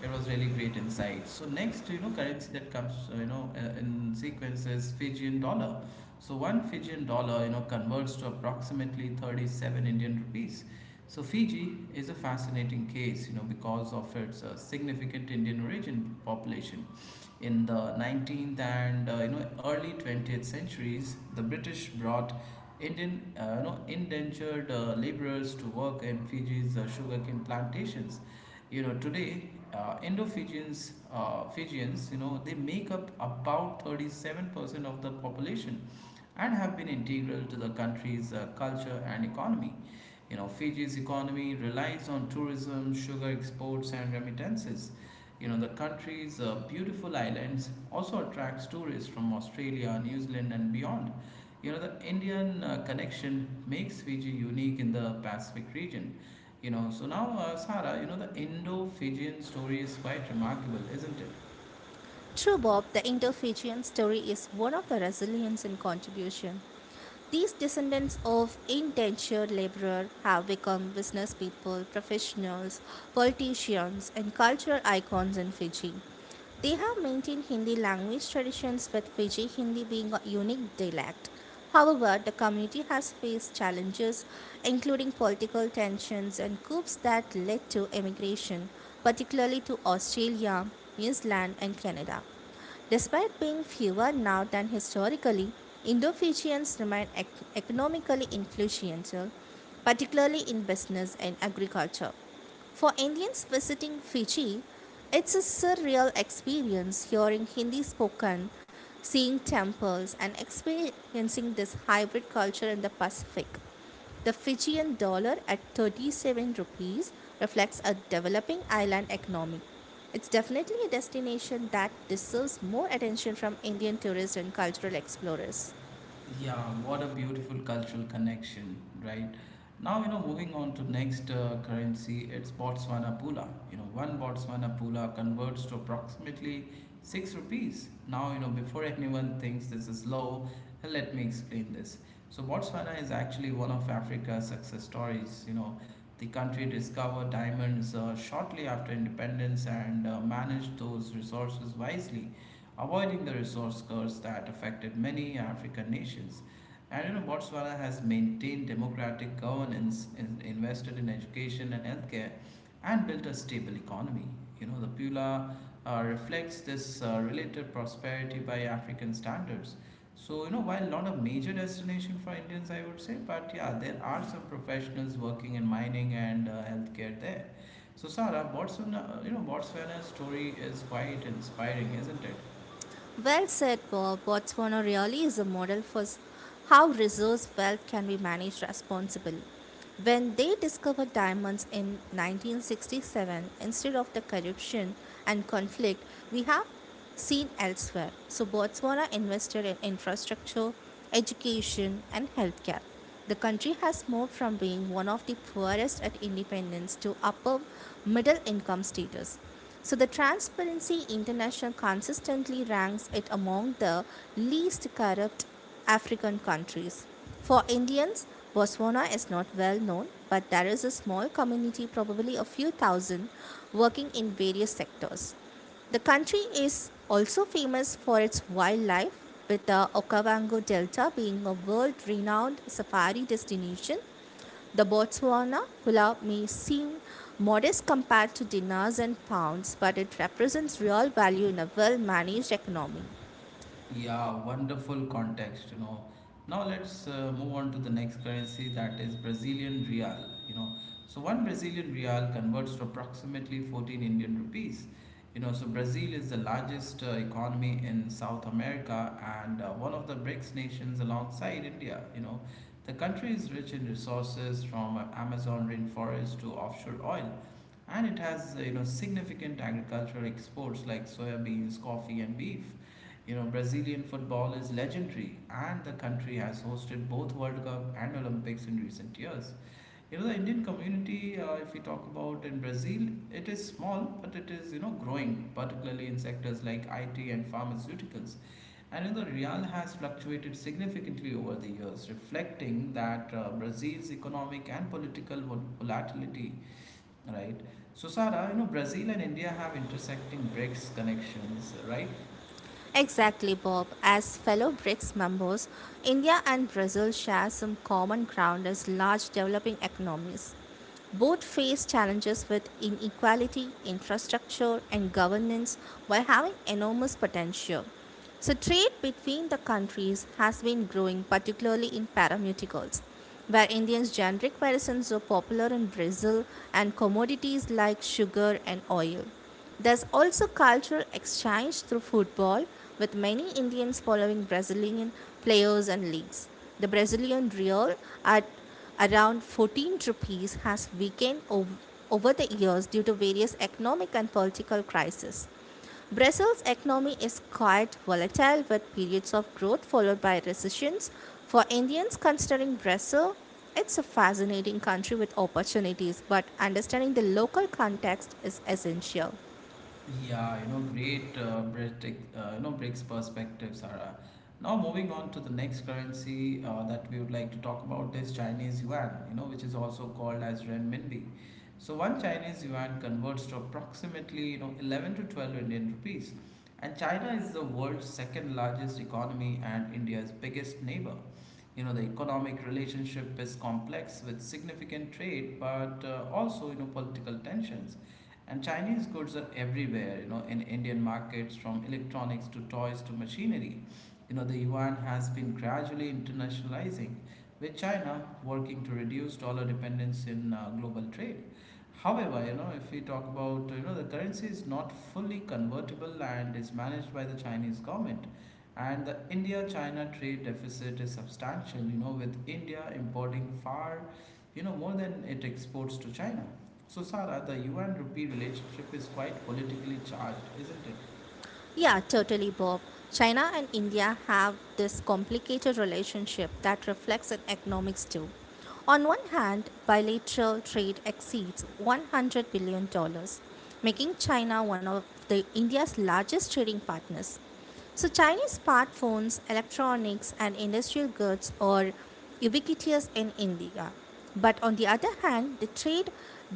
S1: it was really great insight. So next, currency that comes, in sequence is Fijian dollar. So one Fijian dollar, you know, converts to approximately 37 Indian rupees. So Fiji is a fascinating case, you know, because of its significant Indian origin population. In the 19th and early 20th centuries, the British brought Indian indentured laborers to work in Fiji's sugarcane plantations. You know today, Fijians, you know they make up about 37% of the population and have been integral to the country's culture and economy. You know, Fiji's economy relies on tourism, sugar exports, and remittances. You know, the country's beautiful islands also attracts tourists from Australia, New Zealand, and beyond. You know, the Indian connection makes Fiji unique in the Pacific region. You know, so now, Sara, you know, the Indo Fijian story is quite remarkable, isn't it?
S2: True, Bob, the Indo Fijian story is one of the resilience and contribution. These descendants of indentured laborer have become business people, professionals, politicians, and cultural icons in Fiji. They have maintained Hindi language traditions with Fiji Hindi being a unique dialect. However, the community has faced challenges, including political tensions and coups that led to emigration, particularly to Australia, New Zealand, and Canada. Despite being fewer now than historically, Indo Fijians remain economically influential, particularly in business and agriculture. For Indians visiting Fiji, it's a surreal experience hearing Hindi spoken, seeing temples, and experiencing this hybrid culture in the Pacific. The Fijian dollar at 37 rupees reflects a developing island economy. It's definitely a destination that deserves more attention from Indian tourists and cultural explorers.
S1: Yeah, what a beautiful cultural connection, right? Now, you know, moving on to next currency, it's Botswana Pula. You know, one Botswana Pula converts to approximately six rupees. Now, you know, before anyone thinks this is low, let me explain this. So, Botswana is actually one of Africa's success stories. You know, the country discovered diamonds shortly after independence and managed those resources wisely, avoiding the resource curse that affected many African nations. And you know, Botswana has maintained democratic governance, invested in education and healthcare, and built a stable economy. You know, the Pula reflects this relative prosperity by African standards. So, you know, while not a major destination for Indians, I would say, but yeah, there are some professionals working in mining and healthcare there. So, Sarah, Botswana's story is quite inspiring, isn't it?
S2: Well said, Bob. Botswana really is a model for how resource wealth can be managed responsibly. When they discovered diamonds in 1967 instead of the corruption and conflict we have seen elsewhere, so Botswana invested in infrastructure, education, and healthcare. The country has moved from being one of the poorest at independence to upper middle income status. So the Transparency International consistently ranks it among the least corrupt African countries. For Indians, Botswana is not well known, but there is a small community, probably a few thousand, working in various sectors. The country is also famous for its wildlife, with the Okavango Delta being a world renowned safari destination. The Botswana pulao may seem modest compared to dinars and pounds, but it represents real value in a well managed economy.
S1: Yeah, wonderful context, you know. Now let's move on to the next currency, that is Brazilian real, you know. So one Brazilian real converts to approximately 14 Indian rupees. You know, so Brazil is the largest economy in South America and one of the BRICS nations alongside India, you know. The country is rich in resources, from Amazon rainforest to offshore oil, and it has, significant agricultural exports like soya beans, coffee and beef. You know, Brazilian football is legendary, and the country has hosted both World Cup and Olympics in recent years. You know, the Indian community, if we talk about in Brazil, it is small, but it is, you know, growing, particularly in sectors like IT and pharmaceuticals. And, you know, the real has fluctuated significantly over the years, reflecting that Brazil's economic and political volatility, right? So, Sarah, you know, Brazil and India have intersecting BRICS connections, right?
S2: Exactly, Bob. As fellow BRICS members, India and Brazil share some common ground as large developing economies. Both face challenges with inequality, infrastructure, and governance while having enormous potential. So, trade between the countries has been growing, particularly in pharmaceuticals, where Indians' generic medicines are popular in Brazil and commodities like sugar and oil. There's also cultural exchange through football, with many Indians following Brazilian players and leagues. The Brazilian Real at around 14 rupees has weakened over the years due to various economic and political crises. Brazil's economy is quite volatile with periods of growth followed by recessions. For Indians considering Brazil, it's a fascinating country with opportunities, but understanding the local context is essential.
S1: Yeah, you know, great breaks perspective, Sarah. Now moving on to the next currency that we would like to talk about is Chinese yuan, you know, which is also called as renminbi. So one Chinese yuan converts to approximately, you know, 11 to 12 Indian rupees. And China is the world's second largest economy and India's biggest neighbor. You know, the economic relationship is complex with significant trade, but also, you know, political tensions. And Chinese goods are everywhere, you know, in Indian markets, from electronics to toys to machinery. You know, the yuan has been gradually internationalizing, with China working to reduce dollar dependence in global trade. However, you know, if we talk about, you know, the currency is not fully convertible and is managed by the Chinese government. And the India China trade deficit is substantial, you know, with India importing far, you know, more than it exports to China. So, Sara, the yuan rupee relationship is quite politically charged, isn't it?
S2: Yeah, totally, Bob. China and India have this complicated relationship that reflects in economics too. On one hand, bilateral trade exceeds $100 billion, dollars, making China one of the India's largest trading partners. So, Chinese smartphones, electronics, and industrial goods are ubiquitous in India. But on the other hand, the trade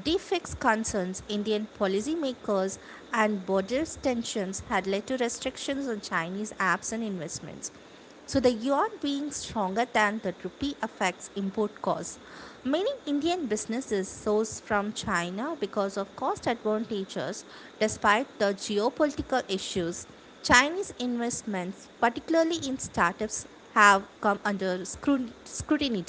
S2: defects concerns Indian policymakers and border tensions had led to restrictions on Chinese apps and investments. So the yuan being stronger than the rupee affects import costs. Many Indian businesses source from China because of cost advantages despite the geopolitical issues. Chinese investments, particularly in startups, have come under scrutiny.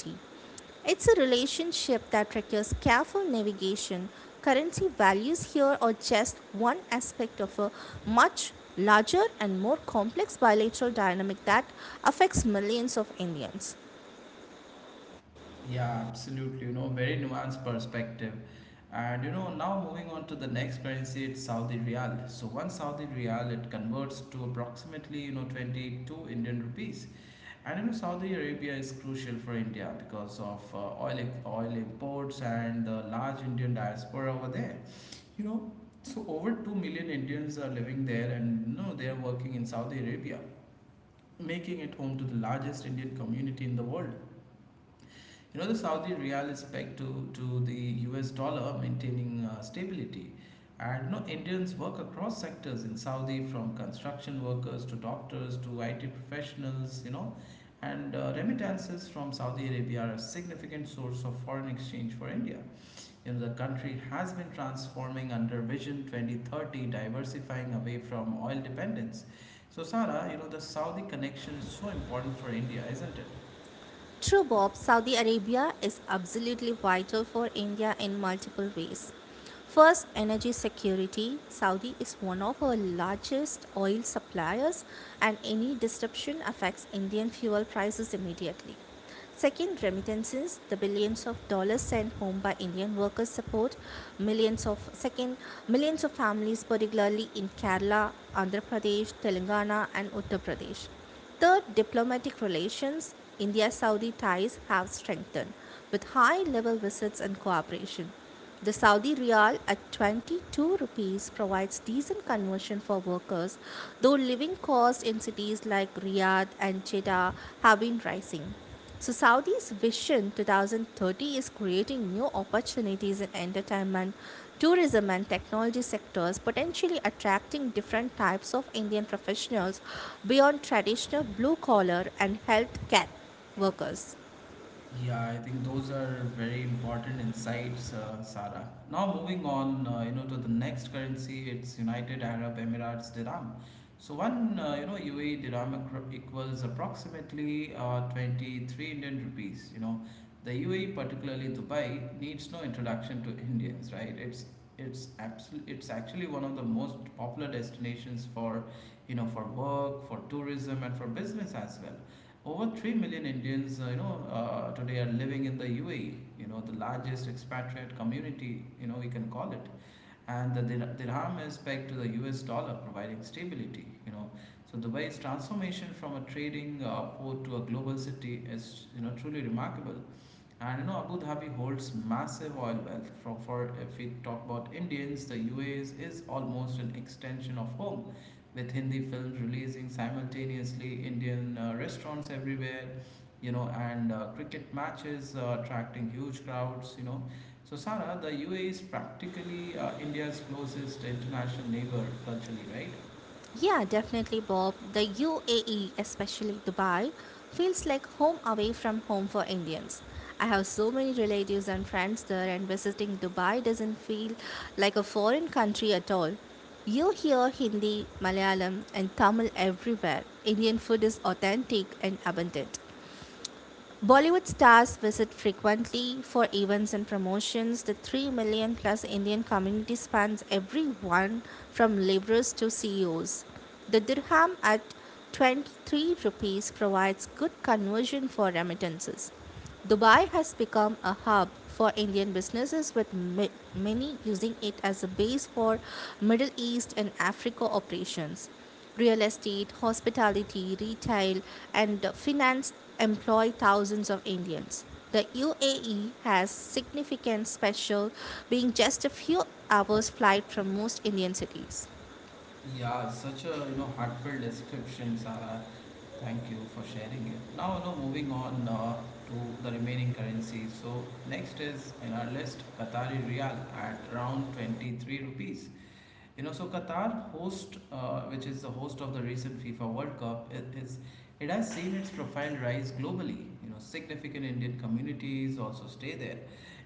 S2: It's a relationship that requires careful navigation. Currency values here are just one aspect of a much larger and more complex bilateral dynamic that affects millions of Indians.
S1: Yeah, absolutely. You know, very nuanced perspective. And you know, now moving on to the next currency, it's Saudi Riyal. So one Saudi Riyal it converts to approximately you know 22 Indian rupees. And you know, Saudi Arabia is crucial for India because of oil imports and the large Indian diaspora over there. You know, so over 2 million Indians are living there and you know, they are working in Saudi Arabia, making it home to the largest Indian community in the world. You know, the Saudi real is pegged to the US dollar, maintaining stability. And you know Indians work across sectors in Saudi, from construction workers to doctors to IT professionals, you know. And remittances from Saudi Arabia are a significant source of foreign exchange for India. You know the country has been transforming under Vision 2030, diversifying away from oil dependence. So, Sara, you know, the Saudi connection is so important for India, isn't it?
S2: True, Bob, Saudi Arabia is absolutely vital for India in multiple ways. First, energy security. Saudi is one of our largest oil suppliers, and any disruption affects Indian fuel prices immediately. Second, remittances, the billions of dollars sent home by Indian workers support millions of second millions of families, particularly in Kerala, Andhra Pradesh, Telangana and Uttar Pradesh. Third, diplomatic relations, India Saudi ties have strengthened with high level visits and cooperation. The Saudi rial at 22 rupees provides decent conversion for workers, though living costs in cities like Riyadh and Jeddah have been rising. So Saudi's Vision 2030 is creating new opportunities in entertainment, tourism and technology sectors, potentially attracting different types of Indian professionals beyond traditional blue collar and healthcare workers.
S1: Yeah, I think those are very important insights, Sarah. Now moving on, to the next currency, it's United Arab Emirates dirham. So one, UAE dirham equals approximately 23 Indian rupees. You know, the UAE, particularly Dubai, needs no introduction to Indians, right? It's Absolutely, it's actually one of the most popular destinations for, you know, for work, for tourism, and for business as well. Over 3 million Indians, today are living in the UAE, you know, the largest expatriate community, you know, we can call it. And the dirham is pegged to the US dollar, providing stability, you know. So Dubai's transformation from a trading port to a global city is, you know, truly remarkable. And you know, Abu Dhabi holds massive oil wealth. From for If we talk about Indians, the UAE is almost an extension of home, with Hindi films releasing simultaneously, Indian restaurants everywhere, you know, and cricket matches attracting huge crowds. You know, so Sara, the UAE is practically India's closest international neighbor culturally, right?
S2: Yeah, definitely, Bob. The UAE, especially Dubai, feels like home away from home for Indians. I have so many relatives and friends there, and visiting Dubai doesn't feel like a foreign country at all. You hear Hindi, Malayalam, and Tamil everywhere. Indian food is authentic and abundant. Bollywood stars visit frequently for events and promotions. The 3 million plus Indian community spans everyone from laborers to CEOs. The dirham at 23 rupees provides good conversion for remittances. Dubai has become a hub for Indian businesses, with many using it as a base for Middle East and Africa operations. Real estate, hospitality, retail, and finance employ thousands of Indians. The UAE has significant special, being just a few hours' flight from most Indian cities.
S1: Yeah, such a you know heartfelt description, Sarah. Thank you for sharing it. Now, you know, moving on to the remaining currencies. So next is in our list Qatari Riyal at around 23 rupees. You know, so Qatar host, which is the host of the recent FIFA World Cup, it has seen its profile rise globally. You know, significant Indian communities also stay there,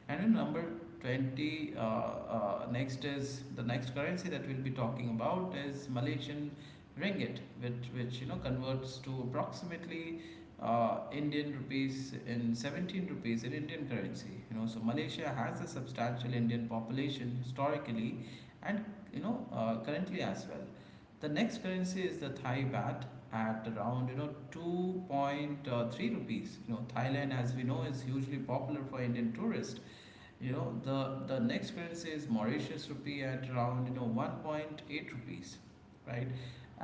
S1: and in number 20, next is the next currency that we'll be talking about is Malaysian ringgit, which you know converts to approximately Indian rupees in 17 rupees in Indian currency. You know, so Malaysia has a substantial Indian population historically and you know, currently as well. The next currency is the Thai baht at around you know 2.3 rupees. You know, Thailand, as we know, is hugely popular for Indian tourists. You know, the next currency is Mauritius rupee at around you know 1.8 rupees, right?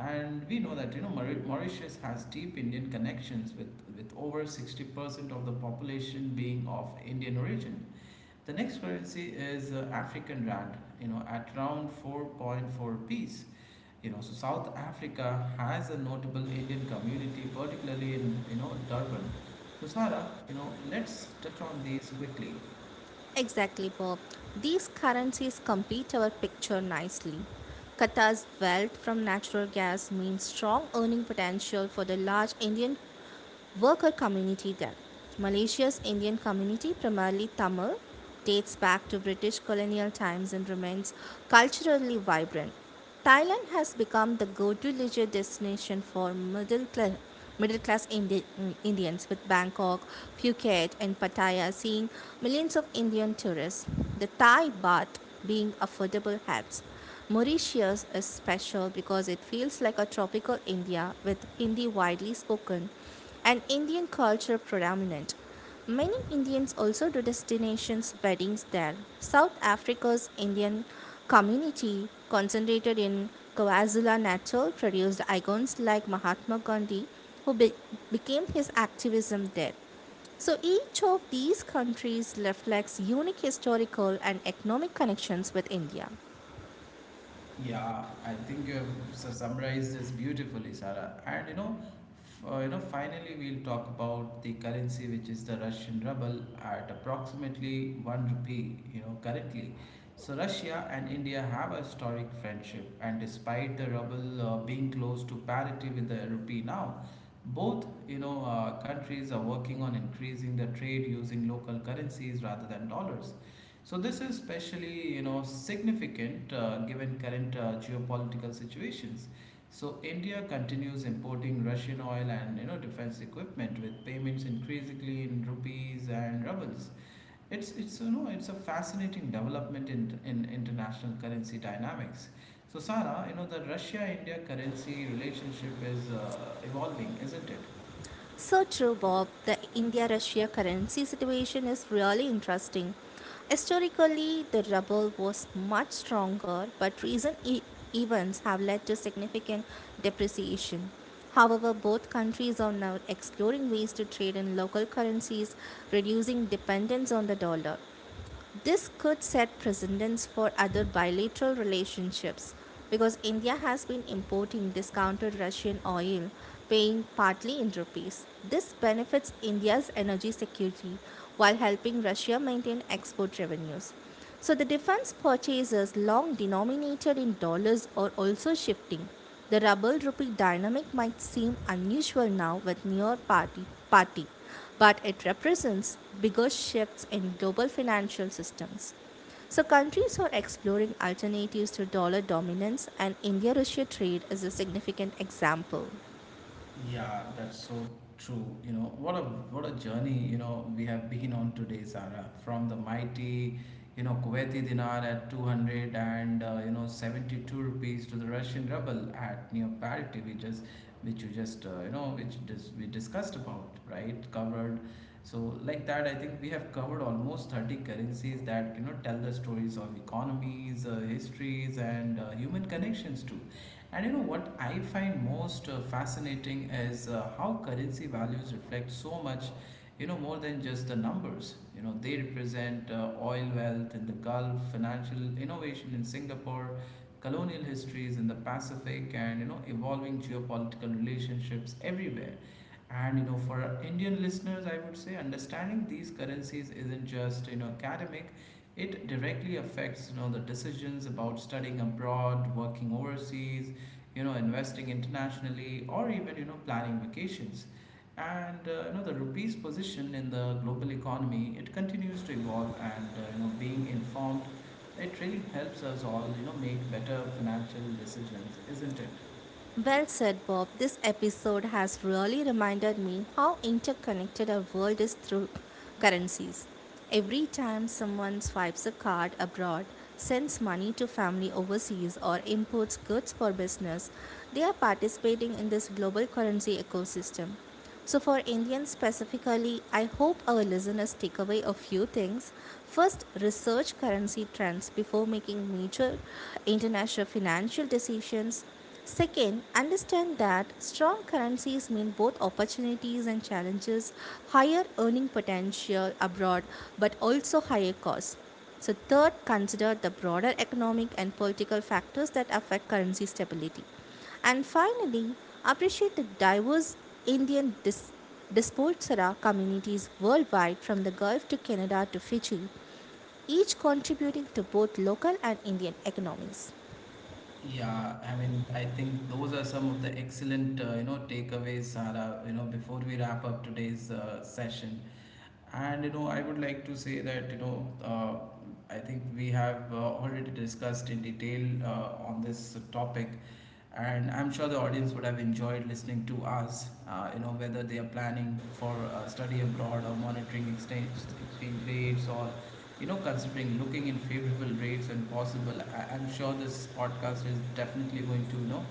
S1: And we know that you know Mauritius has deep Indian connections with over 60% of the population being of Indian origin. The next currency is African rand, you know, at around 4.4 piece. You know, so South Africa has a notable Indian community, particularly in, you know, Durban. So Sarah, let's touch on these quickly.
S2: Exactly, Bob. These currencies complete our picture nicely. Qatar's wealth from natural gas means strong earning potential for the large Indian Worker community then. Malaysia's Indian community, primarily Tamil, dates back to British colonial times and remains culturally vibrant. Thailand has become the go to leisure destination for middle class. Middle class Indians with Bangkok, Phuket, and Pattaya seeing millions of Indian tourists. The Thai baht being affordable helps. Mauritius is special because it feels like a tropical India with Hindi widely spoken and Indian culture predominant. Many Indians also do destinations weddings there. South Africa's Indian community concentrated in KwaZulu Natal produced icons like Mahatma Gandhi who became his activism there. So each of these countries reflects unique historical and economic connections with India.
S1: Yeah, I think you have summarized this beautifully, Sarah. And finally we'll talk about the currency, which is the Russian ruble, at approximately one rupee, currently. So Russia and India have a historic friendship, and despite the ruble being close to parity with the rupee now, both countries are working on increasing the trade using local currencies rather than dollars. So this is especially significant, given current geopolitical situations. So India continues importing Russian oil and defense equipment with payments increasingly in rupees and rubles. It's you know it's a fascinating development in international currency dynamics. So Sara, the Russia India currency relationship is evolving, isn't it?
S2: So true, Bob. The India Russia currency situation is really interesting. Historically, the ruble was much stronger, but recent events have led to significant depreciation. However, both countries are now exploring ways to trade in local currencies, reducing dependence on the dollar. This could set precedents for other bilateral relationships because India has been importing discounted Russian oil, paying partly in rupees. This benefits India's energy security while helping Russia maintain export revenues. So the defense purchases long denominated in dollars are also shifting. The ruble rupee dynamic might seem unusual now with near party but it represents bigger shifts in global financial systems. So countries are exploring alternatives to dollar dominance and India-Russia trade is a significant example.
S1: Yeah, that's so true. What a journey, we have been on today, Sarah. From the mighty, Kuwaiti dinar at 200 and 72 rupees to the Russian ruble at near parity, we just which you just we discussed about, right? Covered. So like that, I think we have covered almost 30 currencies that tell the stories of economies, histories, and human connections too. And what I find most fascinating is how currency values reflect so much, more than just the numbers. They represent oil wealth in the Gulf, financial innovation in Singapore, colonial histories in the Pacific, and evolving geopolitical relationships everywhere. And for our Indian listeners, I would say understanding these currencies isn't just academic; it directly affects the decisions about studying abroad, working overseas, investing internationally, or even, planning vacations. And, the rupee's position in the global economy, it continues to evolve and, being informed, it really helps us all, make better financial decisions, isn't it?
S2: Well said, Bob. This episode has really reminded me how interconnected our world is through currencies. Every time someone swipes a card abroad, sends money to family overseas, or imports goods for business, they are participating in this global currency ecosystem. So, for Indians specifically, I hope our listeners take away a few things. First, research currency trends before making major international financial decisions. Second, understand that strong currencies mean both opportunities and challenges, higher earning potential abroad, but also higher costs. So, third, consider the broader economic and political factors that affect currency stability. And finally, appreciate the diverse Indian diaspora communities worldwide from the Gulf to Canada to Fiji, each contributing to both local and Indian economies.
S1: Yeah, I mean, I think those are some of the excellent, takeaways, Sara, before we wrap up today's session. And, I would like to say that, I think we have already discussed in detail on this topic, and I'm sure the audience would have enjoyed listening to us. Whether they are planning for study abroad or monitoring exchange rates or considering looking in favorable rates when possible. I'm sure this podcast is definitely going to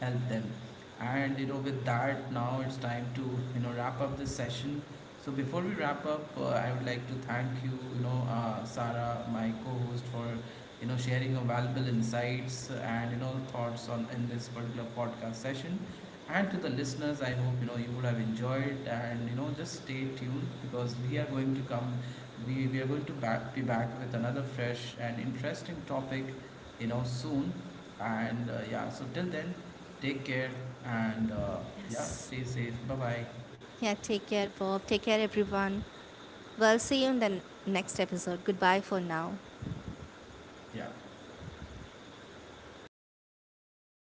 S1: help them. And with that, now it's time to wrap up this session. So before we wrap up, I would like to thank you, Sarah, my co-host, for sharing your valuable insights and thoughts on in this particular podcast session, and to the listeners, I hope you would have enjoyed, and just stay tuned because we are going to we are going to be back with another fresh and interesting topic soon. And yeah, so till then, take care. And yeah,
S2: Yes.
S1: stay safe. Bye bye.
S2: Yeah, take care, Bob. Take care, everyone. Well, see you in the next episode. Goodbye for now.
S1: Yeah.